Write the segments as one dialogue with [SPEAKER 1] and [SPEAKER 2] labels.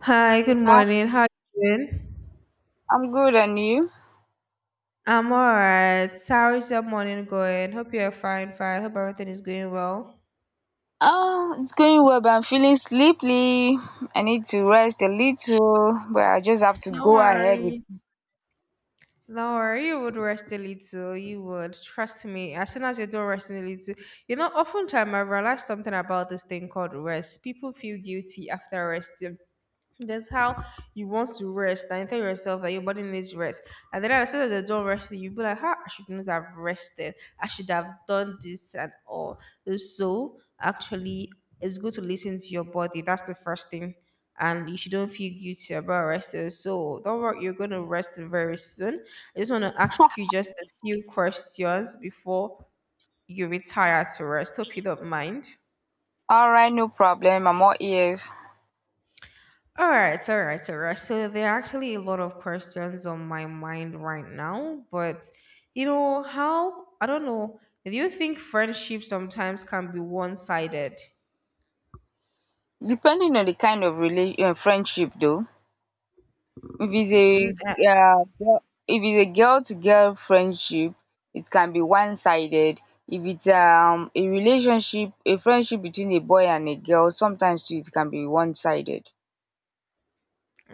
[SPEAKER 1] Hi, good
[SPEAKER 2] Hi,
[SPEAKER 1] morning. How you doing?
[SPEAKER 2] I'm good, and you?
[SPEAKER 1] I'm all right. How is your morning going? Hope you're fine. Hope everything is going well.
[SPEAKER 2] Oh, it's going well, but I'm feeling sleepy. I need to rest a little, but I just have to
[SPEAKER 1] No
[SPEAKER 2] go ahead with.
[SPEAKER 1] worry. No worry. You would rest a little. You would. Trust me. As soon as you don't rest a little, you know, oftentimes I realized something about this thing called rest. People feel guilty after rest. That's how you want to rest and tell yourself that your body needs rest. And then as soon as I don't rest, you'll be like, ah, I should not have rested. I should have done this and all. So actually, it's good to listen to your body. That's the first thing. And you shouldn't feel guilty about resting. So don't worry, you're going to rest very soon. I just want to ask you just a few questions before you retire to rest. Hope you don't mind.
[SPEAKER 2] All right, no problem. I'm all ears.
[SPEAKER 1] All right, all right, all right. So there are actually a lot of questions on my mind right now, but you know how I don't know. Do you think friendship sometimes can be one-sided?
[SPEAKER 2] Depending on the kind of friendship, though, if it's
[SPEAKER 1] Mm, uh,
[SPEAKER 2] a if it's a girl-to-girl friendship, it can be one-sided. If it's a relationship, a friendship between a boy and a girl, sometimes too, it can be one-sided.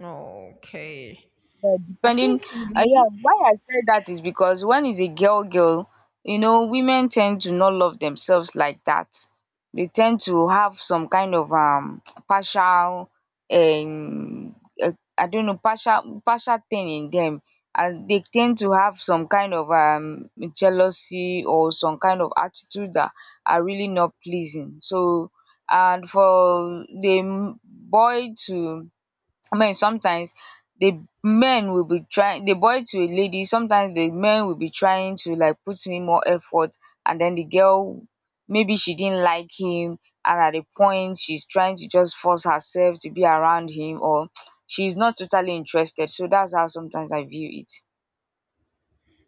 [SPEAKER 1] okay,
[SPEAKER 2] Yeah,
[SPEAKER 1] I
[SPEAKER 2] depending,
[SPEAKER 1] think
[SPEAKER 2] yeah,
[SPEAKER 1] me.
[SPEAKER 2] why I said that is because when it's a girl, girl, women tend to not love themselves like that. They tend to have some kind of partial, um, uh, I don't know, partial thing in them, and they tend to have some kind of jealousy or some kind of attitude that are really not pleasing. So, and for the boy to I mean, sometimes the men will be trying, the boy to a lady, sometimes the men will be trying to, like, put in more effort, and then the girl, maybe she didn't like him, and at a point she's trying to just force herself to be around him, or she's not totally interested. So that's how sometimes I view it.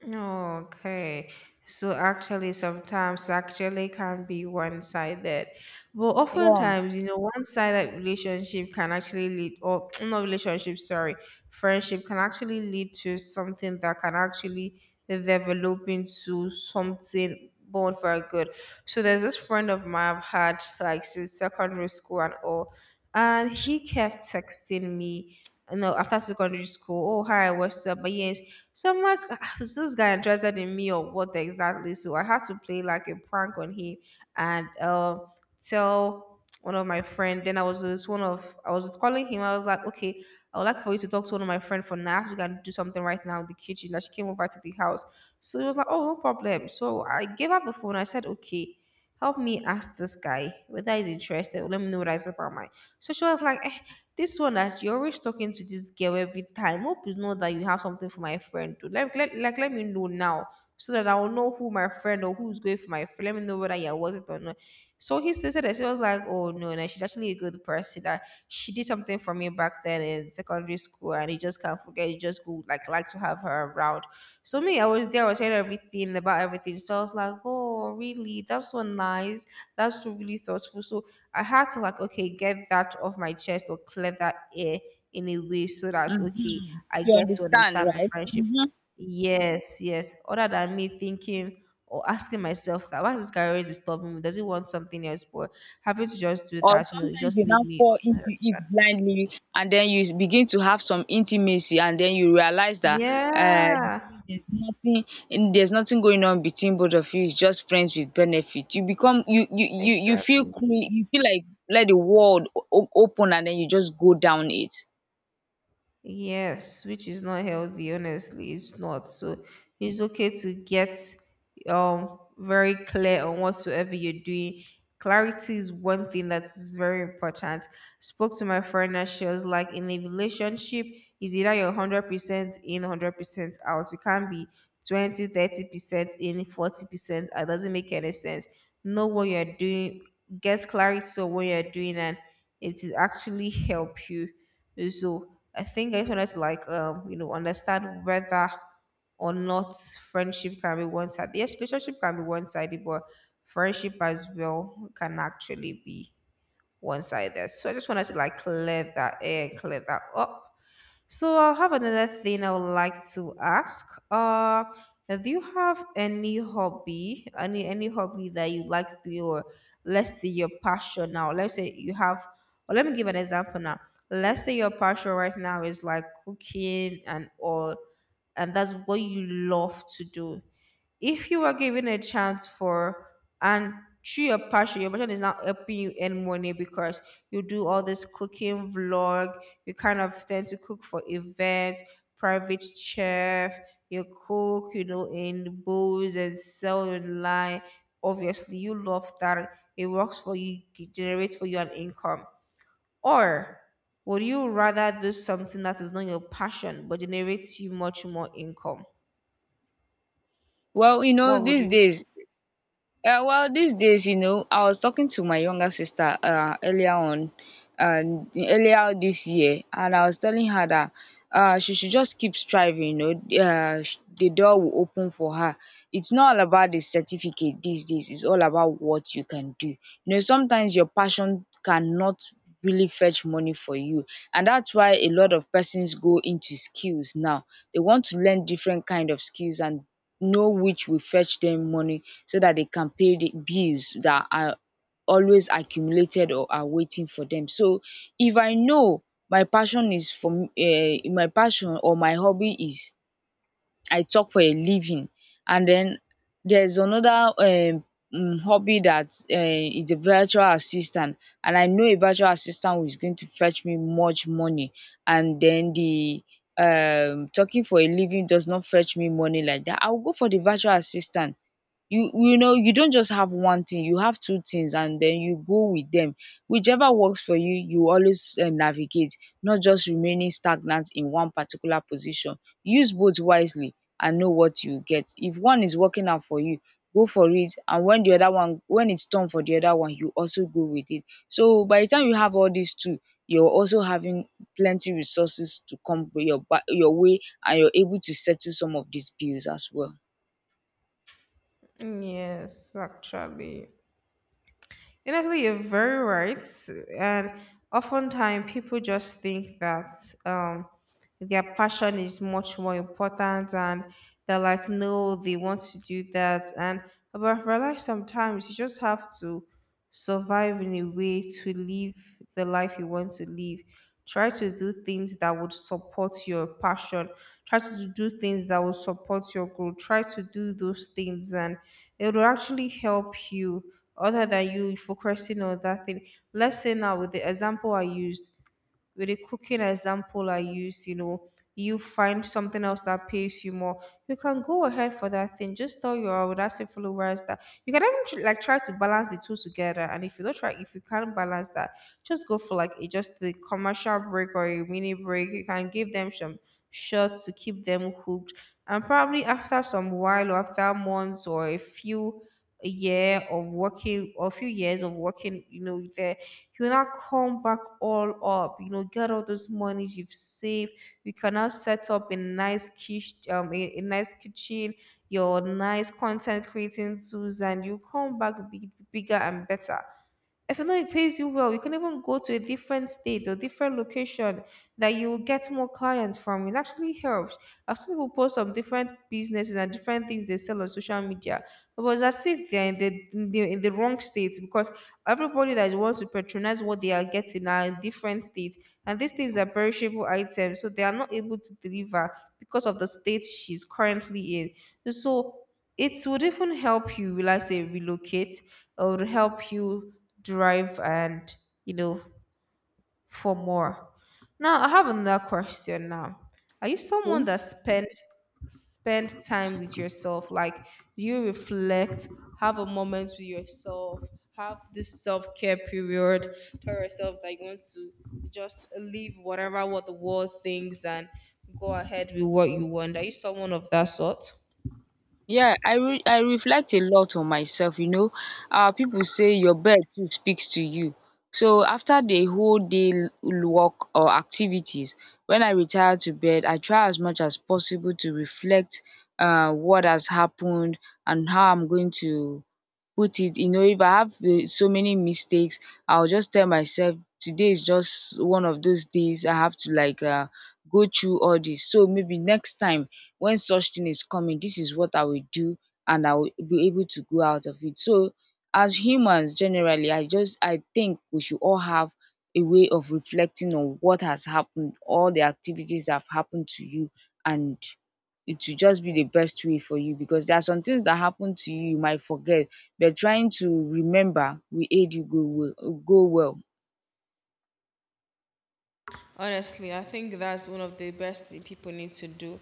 [SPEAKER 1] Okay. So actually, sometimes actually can be one-sided, but
[SPEAKER 2] Yeah.
[SPEAKER 1] oftentimes, you know, one-sided relationship can actually lead, or not relationship, sorry, friendship can actually lead to something that can actually develop into something born for good. So there's this friend of mine I've had like since secondary school and all, and he kept texting me no, after secondary school. Oh, hi, what's up? But yes, so I'm like, "Ah, is this guy interested in me or what exactly?" So I had to play like a prank on him and tell one of my friend. Then I was with one of, I was calling him. I was like, okay, I would like for you to talk to one of my friend for now. I have to go and do something right now in the kitchen. Like she came over to the house. So he was like, oh, no problem. So I gave up the phone. I said, okay, help me ask this guy whether he's interested. Let me know what I said about mine. So she was like, eh, this one that you're always talking to this girl every time. Hope you know that you have something for my friend too. Like let me know now so that I will know who my friend or who's going for my friend. Let me know whether you're worth it or not. So he still said that she was like, oh no, no, she's actually a good person. That she did something for me back then in secondary school, and he just can't forget. He just go like to have her around. So me, I was there. I was hearing everything about everything. So I was like, oh really? That's so nice. That's so really thoughtful. So I had to like, okay, get that off my chest or clear that air in a way so that okay,
[SPEAKER 2] Hmm.
[SPEAKER 1] I
[SPEAKER 2] You
[SPEAKER 1] get to
[SPEAKER 2] understand,
[SPEAKER 1] understand the
[SPEAKER 2] right?
[SPEAKER 1] friendship.
[SPEAKER 2] Hmm.
[SPEAKER 1] Yes, yes. Other than me thinking or asking myself that why is this guy always disturbing me? Does he want something else? But having to just do
[SPEAKER 2] Or
[SPEAKER 1] that, you know, it
[SPEAKER 2] sometimes
[SPEAKER 1] just
[SPEAKER 2] you
[SPEAKER 1] made
[SPEAKER 2] now
[SPEAKER 1] me
[SPEAKER 2] fall into it
[SPEAKER 1] understand.
[SPEAKER 2] blindly, and then begin to have some intimacy, and then you realize that uh you
[SPEAKER 1] Yeah,
[SPEAKER 2] see, there's nothing going on between both of you. It's just friends with benefit. You become you you you you feel
[SPEAKER 1] exactly.
[SPEAKER 2] cre- You feel like, let the world open, and then you just go down it.
[SPEAKER 1] Yes, which is not healthy, honestly, it's not. So it's okay to get very clear on whatsoever you're doing. Clarity is one thing that is very important. Spoke to my friend and she was like, in a relationship, is either you're 100% in, 100% out. You can't be 20, 30% in, 40%. It doesn't make any sense. Know what you're doing, get clarity on what you're doing, and it will actually help you. So I think I just wanted to like you know, understand whether or not friendship can be one sided. Yes, relationship can be one sided, but friendship as well can actually be one sided. So I just wanted to like clear that air and clear that up. So I have another thing I would like to ask. Do you have any hobby, any hobby that you like to do, or let's say your passion now? Let's say you have, or let me give an example now. Let's say your passion right now is like cooking and all, and that's what you love to do. If you were given a chance for and through your passion is now helping you earn money because you do all this cooking vlog, you kind of tend to cook for events, private chef, you cook, you know, in booths and sell online. Obviously, you love that. It works for you, it generates for you an income. Or would you rather do something that is not your passion but generates you much more income?
[SPEAKER 2] well you know
[SPEAKER 1] What would
[SPEAKER 2] these
[SPEAKER 1] you stick
[SPEAKER 2] days
[SPEAKER 1] with?
[SPEAKER 2] Uh, well, these days, I was talking to my younger sister, earlier on, and earlier this year, and I was telling her that she should just keep striving. The door will open for her. It's not all about the certificate these days. It's all about what you can do. Sometimes your passion cannot really fetch money for you, and that's why a lot of persons go into skills now. They want to learn different kind of skills and know which will fetch them money, so that they can pay the bills that are always accumulated or are waiting for them. So if I know my passion is for um my passion or my hobby is, I talk for a living. And then there's another hobby that is a virtual assistant, and I know a virtual assistant who is going to fetch me much money, and then the talking for a living does not fetch me money like that, I will go for the virtual assistant. You know you don't just have one thing, you have two things, and then you go with them, whichever works for you. You always, navigate, not just remaining stagnant in one particular position. Use both wisely and know what you get. If one is working out for you, go for it, and when the other one, when it's time for the other one, you also go with it. So by the time you have all these two, you're also having plenty resources to come your your way, and you're able to settle some of these bills as well.
[SPEAKER 1] Yes, actually, honestly, you're very right. And oftentimes, people just think that their passion is much more important, and they're like, no, they want to do that. And but I've sometimes you just have to survive in a way to live the life you want to live. Try to do things that would support your passion. Try to do things that will support your growth. Try to do those things, and it will actually help you other than you focusing on that thing. Let's say now, with the example I used, with a cooking example I use, you know, you find something else that pays you more, you can go ahead for that thing. Just tell your audacity followers that you can even like try to balance the two together. And if you don't try, if you can't balance that, just go for like a, just the commercial break or a mini break. You can give them some shots to keep them hooked. And probably after some while or after months or a few a year of working or a few years of working, you know, there you will not come back all up. You know, get all those monies you've saved. You can now set up a nice kitchen, a nice kitchen, your nice content creating tools, and you come back big, bigger and better. If you know it pays you well, you can even go to a different state or different location that you will get more clients from. It actually helps. I've seen people post some different businesses and different things they sell on social media. It was as if they're in the, in the in the wrong state because everybody that wants to patronize what they are getting are in different states, and these things are perishable items, so they are not able to deliver because of the state she's currently in. So it would even help you, will I say, relocate, or help you drive and you know for more. Now, I have another question now. Are you someone that spend time with yourself? Like, do you reflect, have a moment with yourself, have this self-care period, tell yourself that you want to just leave whatever what the world thinks and go ahead with what you want? Are you someone of that sort?
[SPEAKER 2] Yeah, I reflect a lot on myself. Ah, people say your bed too speaks to you. So after the whole day work or activities, when I retire to bed, I try as much as possible to reflect what has happened and how I'm going to put it. If I have so many mistakes, I'll just tell myself today is just one of those days. I have to, like, go through all this, so maybe next time when such thing is coming, this is what I will do, and I will be able to go out of it. So as humans generally, I think we should all have a way of reflecting on what has happened, all the activities that have happened to you, and it will just be the best way for you, because there are some things that happen to you you might forget, but trying to remember will aid you go well, go well.
[SPEAKER 1] Honestly, I think that's one of the best thing people need to do.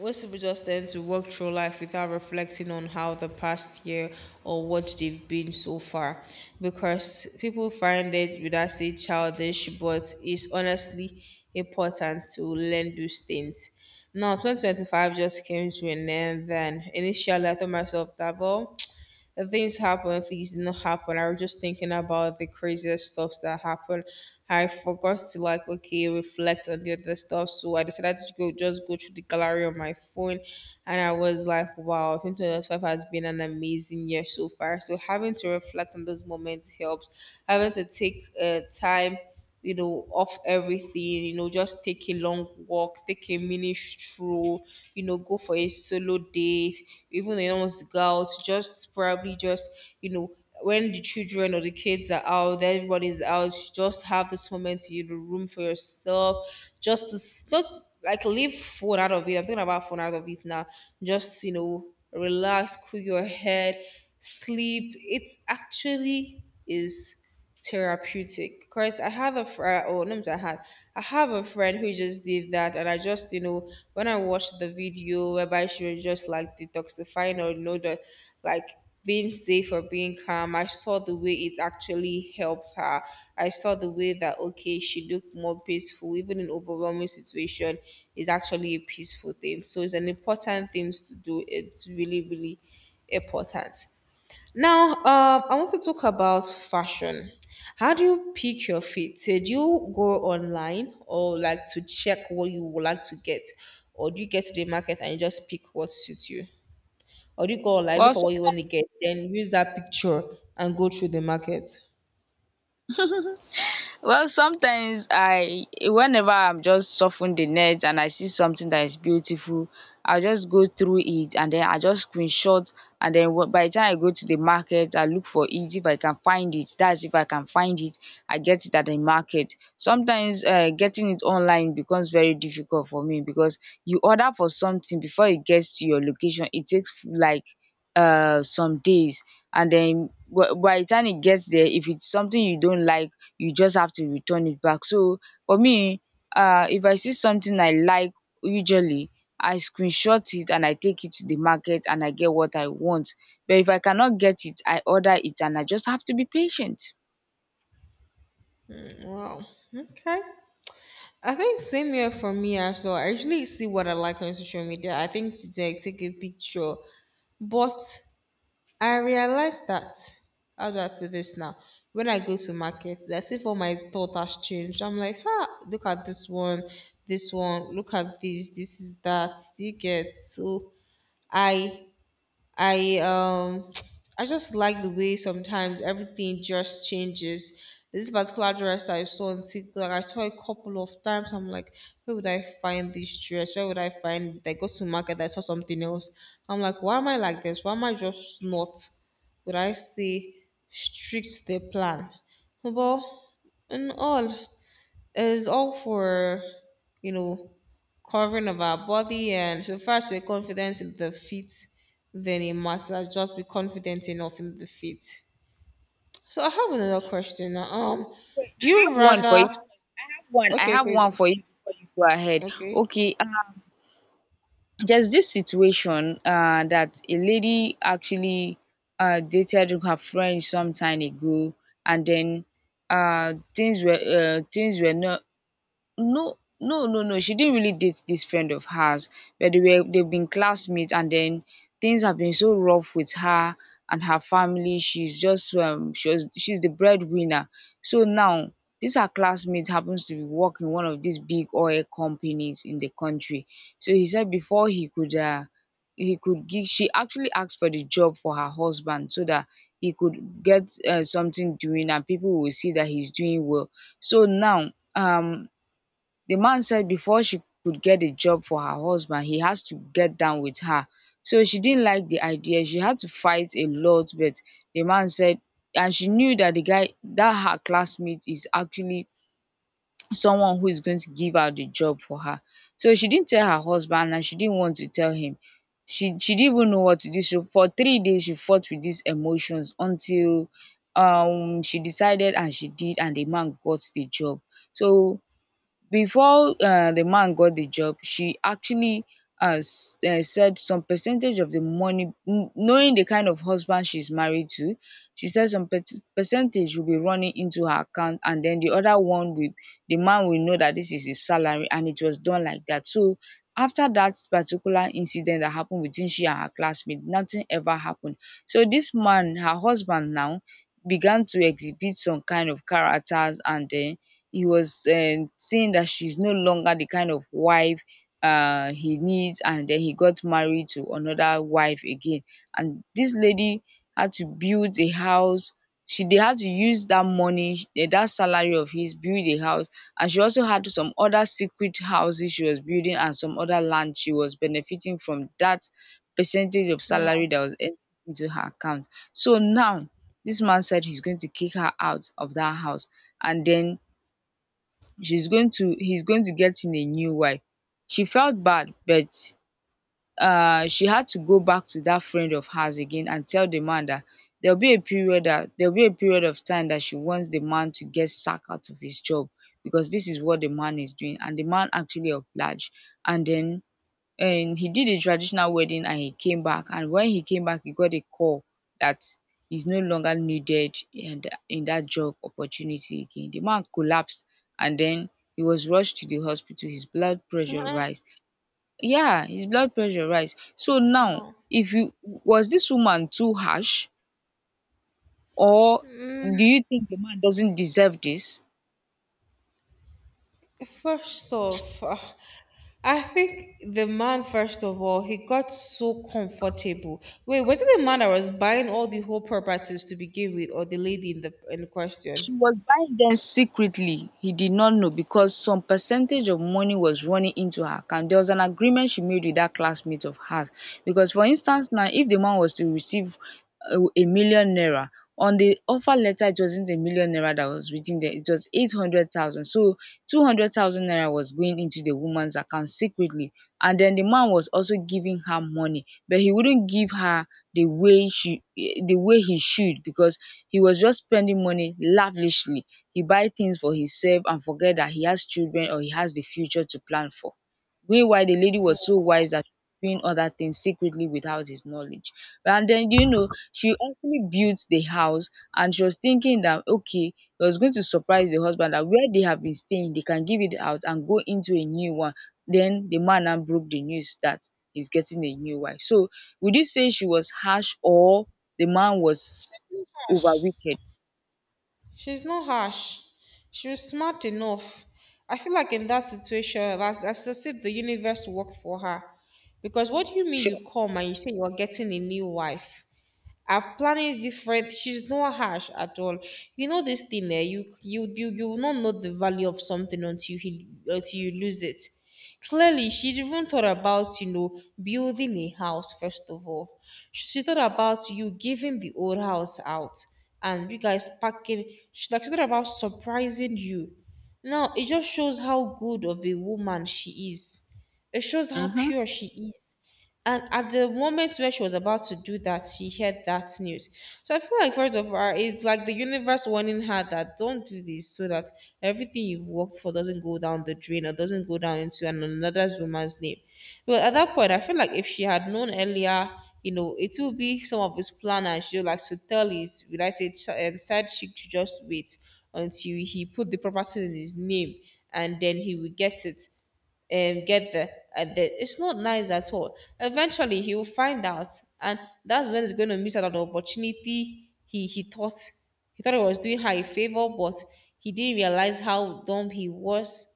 [SPEAKER 1] Most people just tend to walk through life without reflecting on how the past year or what they've been so far because people find it, would I say, childish, but it's honestly important to learn those things. Now, 2025 just came to an end, then initially I thought myself that, well, if things happen, things didn't happen. I was just thinking about the craziest stuff that happened. I forgot to like okay reflect on the other stuff, so I decided to go just go through the gallery on my phone, and I was like, wow, 2025 has been an amazing year so far. So having to reflect on those moments helps. Having to take time you know, off everything, you know, just take a long walk, take a mini stroll, you know, go for a solo date, even if you don't want to go out, just probably just, you know, when the children or the kids are out, everybody's out, you just have this moment, you know, room for yourself, just this, just like leave phone out of it. I'm thinking about phone out of it now. Just, you know, relax, cool your head, sleep. It actually is therapeutic because I have a friend, oh, not I had, I have a friend who just did that, and I just, you know, when I watched the video whereby she was just like detoxifying or, you know, the like being safe or being calm, I saw the way it actually helped her. I saw the way that, okay, she looked more peaceful, even in overwhelming situation, is actually a peaceful thing. So it's an important thing to do. It's really, really important. Now, I want to talk about fashion. How do you pick your fit? Do you go online or like to check what you would like to get? Or do you get to the market and you just pick what suits you? Or do you go online, look
[SPEAKER 2] Well
[SPEAKER 1] for what you want to get, then use that picture and go through the market?
[SPEAKER 2] Well, sometimes I whenever I'm just surfing the net and I see something that is beautiful, I'll just go through it and then I just screenshot, and then by the time I go to the market I look for it, if I can find it. That's if I can find it, I get it at the market. Sometimes getting it online becomes very difficult for me, because you order for something, before it gets to your location it takes like some days, and then by the time it gets there, if it's something you don't like, you just have to return it back. So for me, if I see something I like, usually I screenshot it and I take it to the market and I get what I want. But if I cannot get it, I order it and I just have to be patient.
[SPEAKER 1] Wow. Okay. I think same here for me as well. I usually see what I like on social media. I think today I take a picture. But I realized that, how do I put this now? When I go to market, that's if all my thought has changed. I'm like, ah, look at this one, look at this, this is that. Do you get? So I I I just like the way sometimes everything just changes. This particular dress I saw on TikTok, I saw a couple of times. I'm like, where would I find this dress? Where would I find it? I go to market, I saw something else. I'm like, why am I like this? Why am I just not? Would I stay strict to the plan? But in all is all for you know covering of our body, and so first we're confident in the feet, then it matters just be confident enough in the feet. So I have another question now.
[SPEAKER 2] Wait,
[SPEAKER 1] Do
[SPEAKER 2] I have
[SPEAKER 1] you
[SPEAKER 2] one for
[SPEAKER 1] rather...
[SPEAKER 2] you. One. I
[SPEAKER 1] Okay,
[SPEAKER 2] have
[SPEAKER 1] okay,
[SPEAKER 2] one for you before you go ahead.
[SPEAKER 1] okay.
[SPEAKER 2] Okay, there's this situation that a lady actually dated her friend some time ago, and then things were not. No, no, no, no, she didn't really date this friend of hers, but they've been classmates, and then things have been so rough with her and her family. She's just she's the breadwinner. So now, this, her classmate, happens to be work in one of these big oil companies in the country. So he said, before he could give she actually asked for the job for her husband, so that he could get something doing, and people will see that he's doing well. So now, the man said, before she could get a job for her husband, he has to get down with her. So she didn't like the idea. She had to fight a lot, but the man said, and she knew that the guy, that her classmate, is actually someone who is going to give her the job for her. So she didn't tell her husband and she didn't want to tell him. She didn't even know what to do. So for 3 days, she fought with these emotions until she decided and she did, and the man got the job. So before the man got the job, she actually said some percentage of the money, knowing the kind of husband she's married to. She said some percentage will be running into her account, and then the other one will, the man will know that this is his salary, and it was done like that. So after that particular incident that happened between she and her classmate, nothing ever happened. So this man, her husband now, began to exhibit some kind of characters, and then he was, saying that she's no longer the kind of wife he needs, and then he got married to another wife again. And this lady had to build a house. She they had to use that money, that salary of his, build a house. And she also had some other secret houses she was building, and some other land she was benefiting from, that percentage of
[SPEAKER 1] Wow.
[SPEAKER 2] salary that was entered into her account. So now, this man said he's going to kick her out of that house, and then she's going to he's going to get in a new wife. She felt bad, but she had to go back to that friend of hers again and tell the man that there will be a period of time that she wants the man to get sacked out of his job, because this is what the man is doing, and the man actually obliged. And then, and he did a traditional wedding, and he came back, and when he came back he got a call that he's no longer needed in that job opportunity again. The man collapsed, and then he was rushed to the hospital. His blood pressure rise. Yeah, his blood pressure rise. So now,
[SPEAKER 1] Wow.
[SPEAKER 2] if you was this woman, too harsh? Or do you think the man doesn't deserve this?
[SPEAKER 1] First off, I think the man, first of all, he got so comfortable. Wait, was it the man that was buying all the whole properties to begin with, or the lady in question?
[SPEAKER 2] She was buying them secretly. He did not know because some percentage of money was running into her account. There was an agreement she made with that classmate of hers. Because, for instance, now if the man was to receive a million naira, on the offer letter, it wasn't a million naira that was written there, it was 800,000. So, 200,000 naira was going into the woman's account secretly. And then the man was also giving her money, but he wouldn't give her the way she the way he should because he was just spending money lavishly. He buy things for himself and forget that he has children or he has the future to plan for. Meanwhile, the lady was so wise that she was doing other things secretly without his knowledge. And then, she actually built the house and she was thinking that, okay, he was going to surprise the husband that where they have been staying, they can give it out and go into a new one. Then the man now broke the news that he's getting a new wife. So would you say she was harsh or the man was over wicked.
[SPEAKER 1] She's not harsh. She was smart enough. I feel like in that situation, that's as if the universe worked for her. Because what do you mean
[SPEAKER 2] Sure.
[SPEAKER 1] you come and you say you're getting a new wife? I've planned it different. She's not harsh at all. You know this thing there. You will not know the value of something until you lose it. Clearly, she even thought about, you know, building a house first of all. She thought about you giving the old house out and you guys packing. She thought about surprising you. Now it just shows how good of a woman she is. It shows how
[SPEAKER 2] Mm-hmm.
[SPEAKER 1] pure she is. And at the moment where she was about to do that, she heard that news. So I feel like part of her is like the universe warning her that don't do this, so that everything you've worked for doesn't go down the drain or doesn't go down into another woman's name. But at that point, I feel like if she had known earlier, you know, it would be some of his plan and she like to tell his, will I say, side chick to just wait until he put the property in his name and then he will get it, get there at the... It's not nice at all. Eventually he will find out, and that's when he's going to miss out on the opportunity. He he thought he thought he was doing her a favor, but he didn't realize how dumb he was.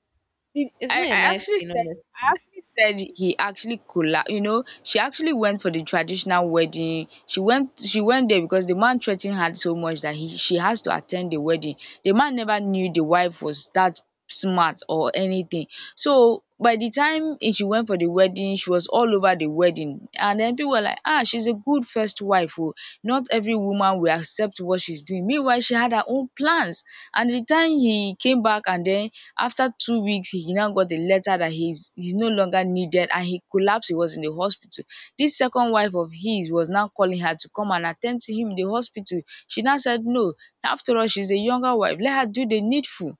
[SPEAKER 2] I,
[SPEAKER 1] It's
[SPEAKER 2] I
[SPEAKER 1] not a nice
[SPEAKER 2] actually
[SPEAKER 1] thing,
[SPEAKER 2] said I
[SPEAKER 1] honestly.
[SPEAKER 2] actually said he actually she actually went for the traditional wedding. She went there because the man threatened her so much that he she has to attend the wedding. The man never knew the wife was that smart or anything. So by the time she went for the wedding. She was all over the wedding. And then people were like, ah, she's a good first wife. Oh. Not every woman will accept what she's doing. Meanwhile, she had her own plans. And the time he came back, and then after 2 weeks, he now got the letter that he's no longer needed and he collapsed. He was in the hospital. This second wife of his was now calling her to come and attend to him in the hospital. She now said no. After all, she's a younger wife. Let her do the needful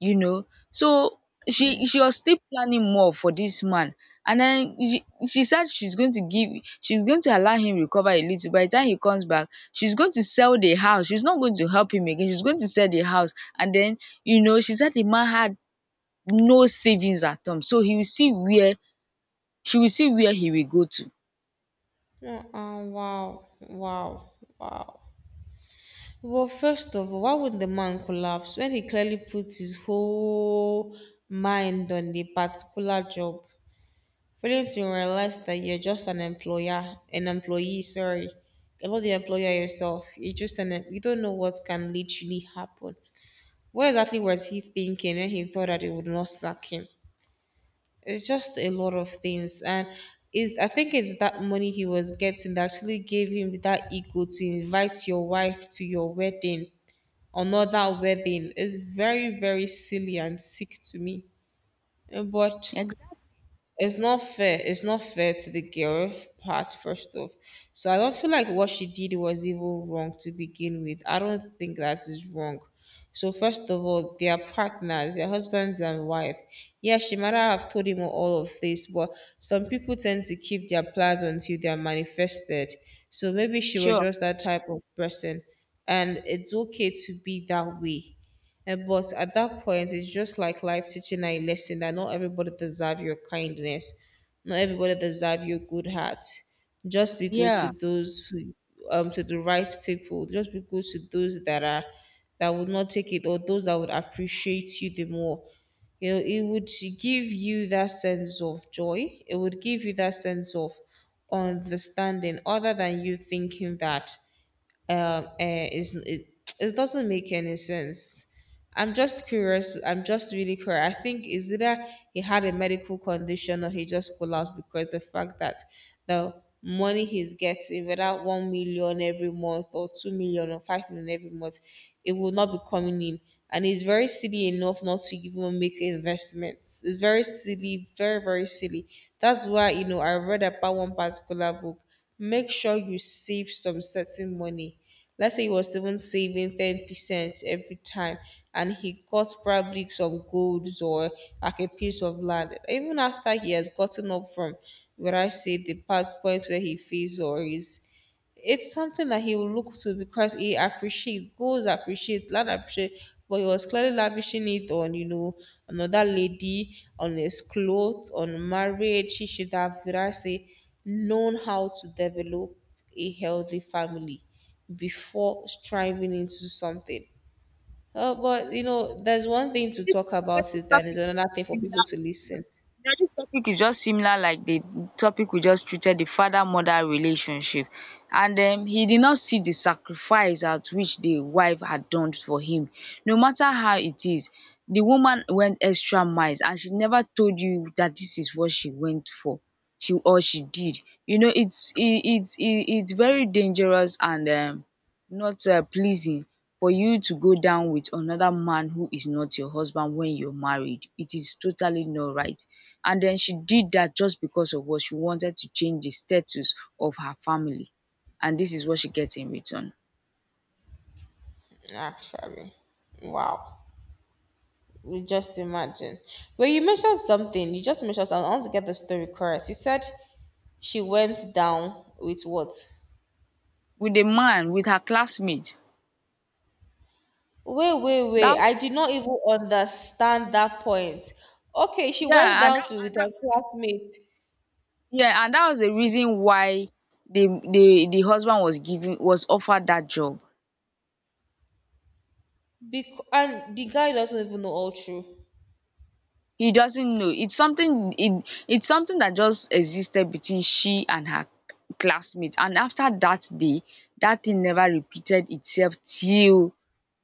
[SPEAKER 2] you know. So
[SPEAKER 1] Yeah.
[SPEAKER 2] she was still planning more for this man. And then she said she's going to give she's going to allow him recover a little. By the time he comes back, she's going to sell the house. She's not going to help him again. She's going to sell the house. And then, you know, she said the man had no savings at home, so he will see where she will see where he will go to.
[SPEAKER 1] Wow, wow, wow. Well, first of all, why would the man collapse when he clearly put his whole mind on the particular job? Failing to realize that you're just an employer, an employee, sorry. You're not the employer yourself. You're just an, you don't know what can literally happen. What exactly was he thinking when he thought that it would not sack him? It's just a lot of things. And it, I think it's that money he was getting that actually gave him that ego to invite your wife to your wedding, another wedding. It's very, very silly and sick to me. Eh, but
[SPEAKER 2] Exactly.
[SPEAKER 1] it's not fair. It's not fair to the girl part, first off. So I don't feel like what she did was even wrong to begin with. I don't think that is wrong. So first of all, they are partners, their husbands and wife. Yeah, she might not have told him all of this, but some people tend to keep their plans until they are manifested. So maybe she was
[SPEAKER 2] Sure.
[SPEAKER 1] just that type of person, and it's okay to be that way. But at that point, it's just like life teaching a lesson that not everybody deserve your kindness, not everybody deserve your good heart. Just be good to
[SPEAKER 2] Yeah.
[SPEAKER 1] those who, to the right people. Just be good to those that are that would not take it, or those that would appreciate you the more. You know, it would give you that sense of joy. It would give you that sense of understanding, other than you thinking that um, eh, it's, it, it doesn't make any sense. I'm just curious. I'm just really curious. I think is either he had a medical condition, or he just collapsed because the fact that the money he's getting, without 1 million every month, or 2 million, or 5 million every month, it will not be coming in. And he's very silly enough not to even make investments. It's very silly, very, very silly. That's why, you know, I read about one particular book. Make sure you save some certain money. Let's say he was even saving 10% every time, and he got probably some golds or like a piece of land. Even after he has gotten up from, where I say, the part point where he feels or is, it's something that he will look to because he appreciates, goals appreciate, land appreciate, but he was clearly lavishing it on, you know, another lady, on his clothes, on marriage. He should have, would I say, known how to develop a healthy family before striving into something. But you know, there's one thing to
[SPEAKER 2] this
[SPEAKER 1] talk
[SPEAKER 2] You know
[SPEAKER 1] about
[SPEAKER 2] this
[SPEAKER 1] it, and there's
[SPEAKER 2] topic is
[SPEAKER 1] another
[SPEAKER 2] just
[SPEAKER 1] thing for people
[SPEAKER 2] similar
[SPEAKER 1] to
[SPEAKER 2] you know
[SPEAKER 1] listen.
[SPEAKER 2] this topic is just similar like the topic we just treated, the father mother relationship. And he did not see the sacrifice at which the wife had done for him. No matter how it is, the woman went extra miles and she never told you that this is what she went for, she or she did. You know, it's very dangerous and not pleasing for you to go down with another man who is not your husband when you're married. It is totally not right. And then she did that just because of what she wanted to change the status of her family. And this is what she gets in return.
[SPEAKER 1] Actually, wow. You just imagine. But you mentioned something. You just mentioned something. I want to get the story correct. You said she went down with what?
[SPEAKER 2] With a man, with her classmate.
[SPEAKER 1] Wait, wait, wait.
[SPEAKER 2] That was
[SPEAKER 1] I did not even understand that point. Okay, she went
[SPEAKER 2] yeah, and
[SPEAKER 1] down to with her classmate
[SPEAKER 2] yeah, and that was the
[SPEAKER 1] to
[SPEAKER 2] reason why the husband was given, was offered that job.
[SPEAKER 1] be, and the guy doesn't even know all true.
[SPEAKER 2] He doesn't know. It's it's something that just existed between she and her classmate. And after that day, that thing never repeated itself till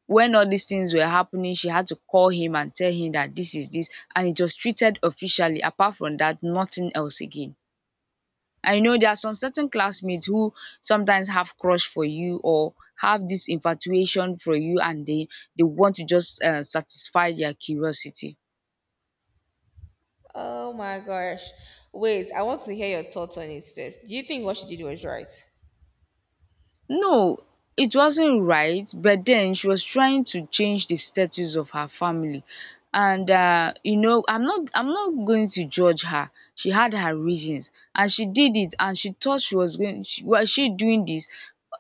[SPEAKER 2] when all these things were happening. She had to call him and tell him that this is this, and it was treated officially. Apart from that, nothing else again. I know there are some certain classmates who sometimes have crush for you or have this infatuation for you, and they want to just satisfy their curiosity.
[SPEAKER 1] Oh my gosh. Wait, I want to hear your thoughts on it first. Do you think what she did was right?
[SPEAKER 2] No, it wasn't right, but then she was trying to change the status of her family. And you know, I'm not going to judge her. She had her reasons and she did it, and she thought she was going was she doing this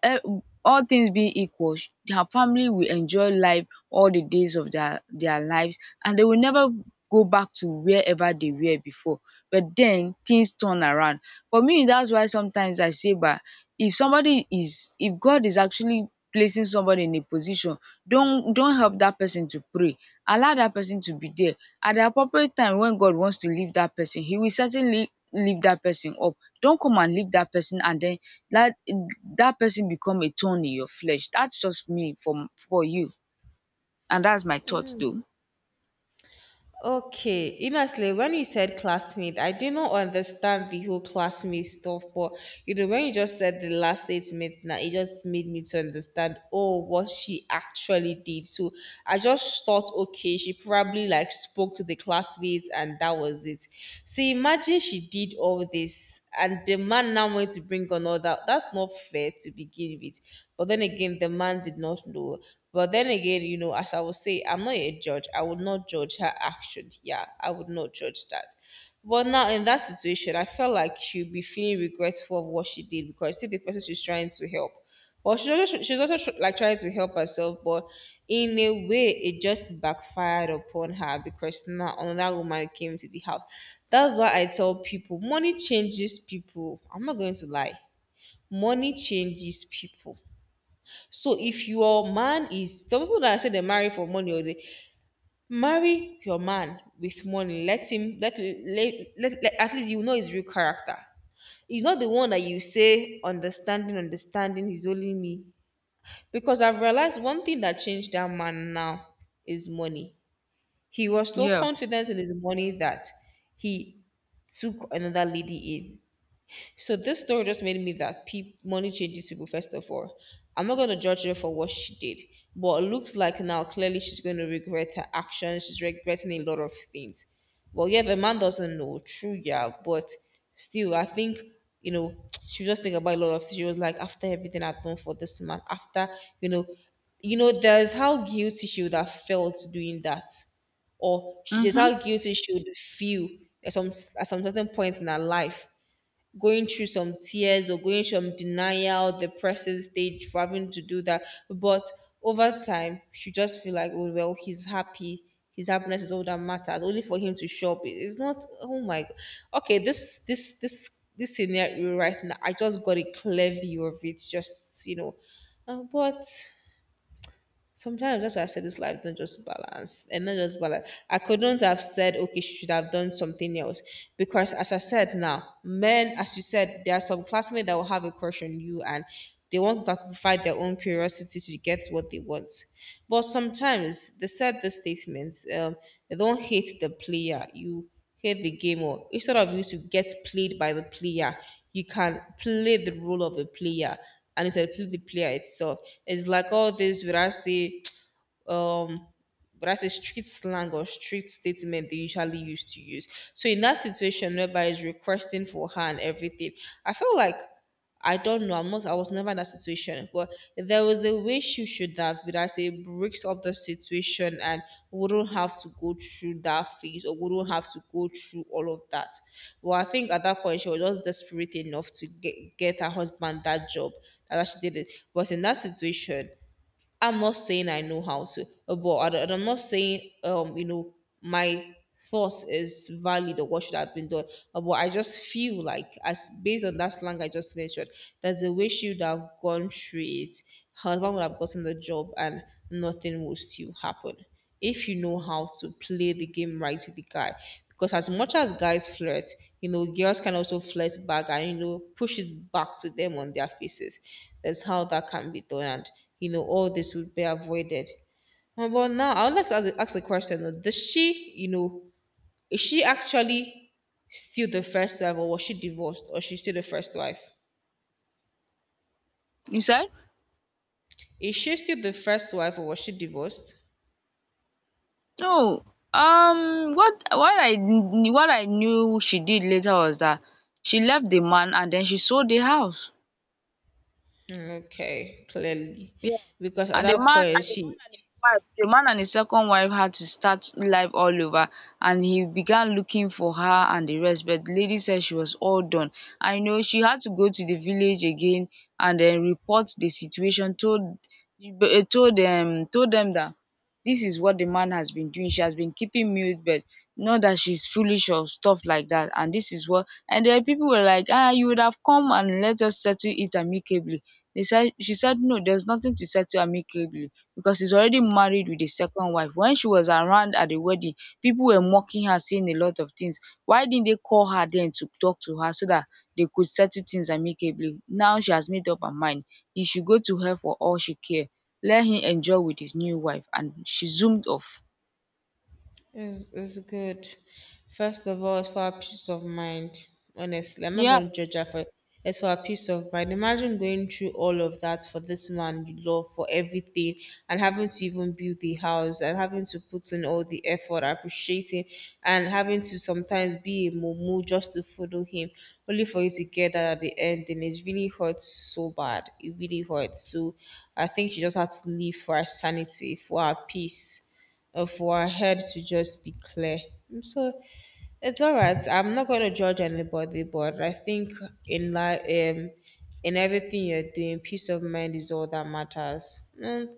[SPEAKER 2] eh, all things being equal, her family will enjoy life all the days of their lives, and they will never go back to wherever they were before. But then things turn around. For me, that's why sometimes I say bah, if somebody is, if God is actually placing somebody in a position, don't help that person to pray. Allow that person to be there. At the appropriate time when God wants to leave that person, he will certainly lift that person up. Don't come and lift that person and then let that person become a thorn in your flesh. That's just me for you. And that's my thoughts though.
[SPEAKER 1] Okay, honestly, when you said classmate, I did not understand the whole classmate stuff, but you know, when you just said the last statement, now it just made me to understand, oh, what she actually did. So I just thought, okay, she probably like spoke to the classmates and that was it. So imagine she did all this and the man now went to bring another. That's not fair to begin with. But then again, the man did not know. But then again, you know, as I would say, I'm not a judge. I would not judge her action. Yeah, I would not judge that. But now in that situation, I felt like she'd be feeling regretful of what she did because see the person she's trying to help. But she's also, like trying to help herself, but in a way, it just backfired upon her because now another woman came to the house. That's why I tell people money changes people. I'm not going to lie, money changes people. So if your man is some people that say they marry for money, or they marry your man with money, let him let let, let, let- at least you know his real character. He's not the one that you say understanding, understanding is only me. Because I've realized one thing that changed that man now is money. He was so
[SPEAKER 2] Yeah.
[SPEAKER 1] confident in his money that he took another lady in. So this story just made me that money changes people. First of all, I'm not going to judge her for what she did, but it looks like now clearly she's going to regret her actions. She's regretting a lot of things. Well, yeah, the man doesn't know. True, yeah, but still, I think you know she was just thinking about a lot of things. She was like, after everything I've done for this man, after you know, you know, there's how guilty she would have felt doing that, or she just
[SPEAKER 2] Mm-hmm.
[SPEAKER 1] how guilty she would feel at some certain point in her life, going through some tears or going from denial, depressive stage for having to do that. But over time, she just feel like, oh well, he's happy. His happiness is all that matters. Only for him to show up. It's not. Oh my god. Okay, this scenario right now, I just got a clear view of it. But sometimes that's why I said this life not just balance and not just balance. I couldn't have said okay, she should have done something else because, as I said now, men, as you said, there are some classmates that will have a crush on you, and they want to satisfy their own curiosity to get what they want. But sometimes they said the statement, they don't hate the player, you hate the game, or instead of you to get played by the player, you can play the role of a player and instead play the player itself. It's like all this, would I say, but that's a street slang or street statement they usually used to use. So in that situation whereby it's requesting for her and everything, I feel like I don't know, I was never in that situation. But there was a way she should have, but I say breaks up the situation and wouldn't have to go through that phase or wouldn't have to go through all of that. Well, I think at that point she was just desperate enough to get her husband that job. That's why she did it. But in that situation, I'm not saying I know how to, but I don't- and I'm not saying my thoughts is valid or what should have been done. But I just feel like as based on that slang I just mentioned, there's a way she would have gone through it. Her husband would have gotten the job and nothing would still happen if you know how to play the game right with the guy. Because as much as guys flirt, you know, girls can also flirt back and you know push it back to them on their faces. That's how that can be done, and you know all this would be avoided. But now I would like to ask a question though. Does she, you know, is she actually still the first wife, or was she divorced, or is she still the first wife?
[SPEAKER 2] You said?
[SPEAKER 1] Is she still the first wife, or was she divorced?
[SPEAKER 2] No, what what I knew she did later was that she left the man and then she sold the house.
[SPEAKER 1] Hmm. Okay, clearly,
[SPEAKER 2] Yeah.
[SPEAKER 1] because at
[SPEAKER 2] And the
[SPEAKER 1] that
[SPEAKER 2] man
[SPEAKER 1] point
[SPEAKER 2] and the man
[SPEAKER 1] she
[SPEAKER 2] and his wife the man and his second wife had to start life all over, and he began looking for her and the rest. But the lady said she was all done. I know she had to go to the village again and then report the situation, told told them that this is what the man has been doing. She has been keeping mute, but not that she's foolish or stuff like that. And this is what, and then people were like, ah, you would have come and let us settle it amicably. They said, she said no, there's nothing to settle amicably because he's already married with a second wife. When she was around at the wedding, people were mocking her, saying a lot of things. Why didn't they call her then to talk to her so that they could settle things amicably? Now she has made up her mind. He should go to her for all she cares. Let him enjoy with his new wife. And she zoomed off.
[SPEAKER 1] It's good. First of all, it's for our peace of mind. Honestly, I'm not
[SPEAKER 2] Yeah.
[SPEAKER 1] going to judge her for it. It's for our peace of mind. Imagine going through all of that for this man you love, for everything, and having to even build the house, and having to put in all the effort, appreciating, and having to sometimes be a mumu just to follow him, only for you to get that at the end. And it really hurts so bad. It really hurts. So I think she just had to leave for her sanity, for her peace or for our heads to just be clear. Mm. So it's all right. I'm not going to judge anybody, but I think in life, in everything you're doing, peace of mind is all that matters. And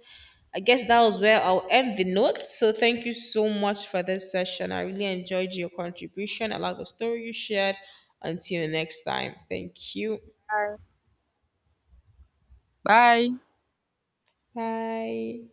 [SPEAKER 1] I guess that was where I'll end the note. So thank you so much for this session. I really enjoyed your contribution. I like the story you shared. Until next time, thank you.
[SPEAKER 2] Bye.
[SPEAKER 1] Bye.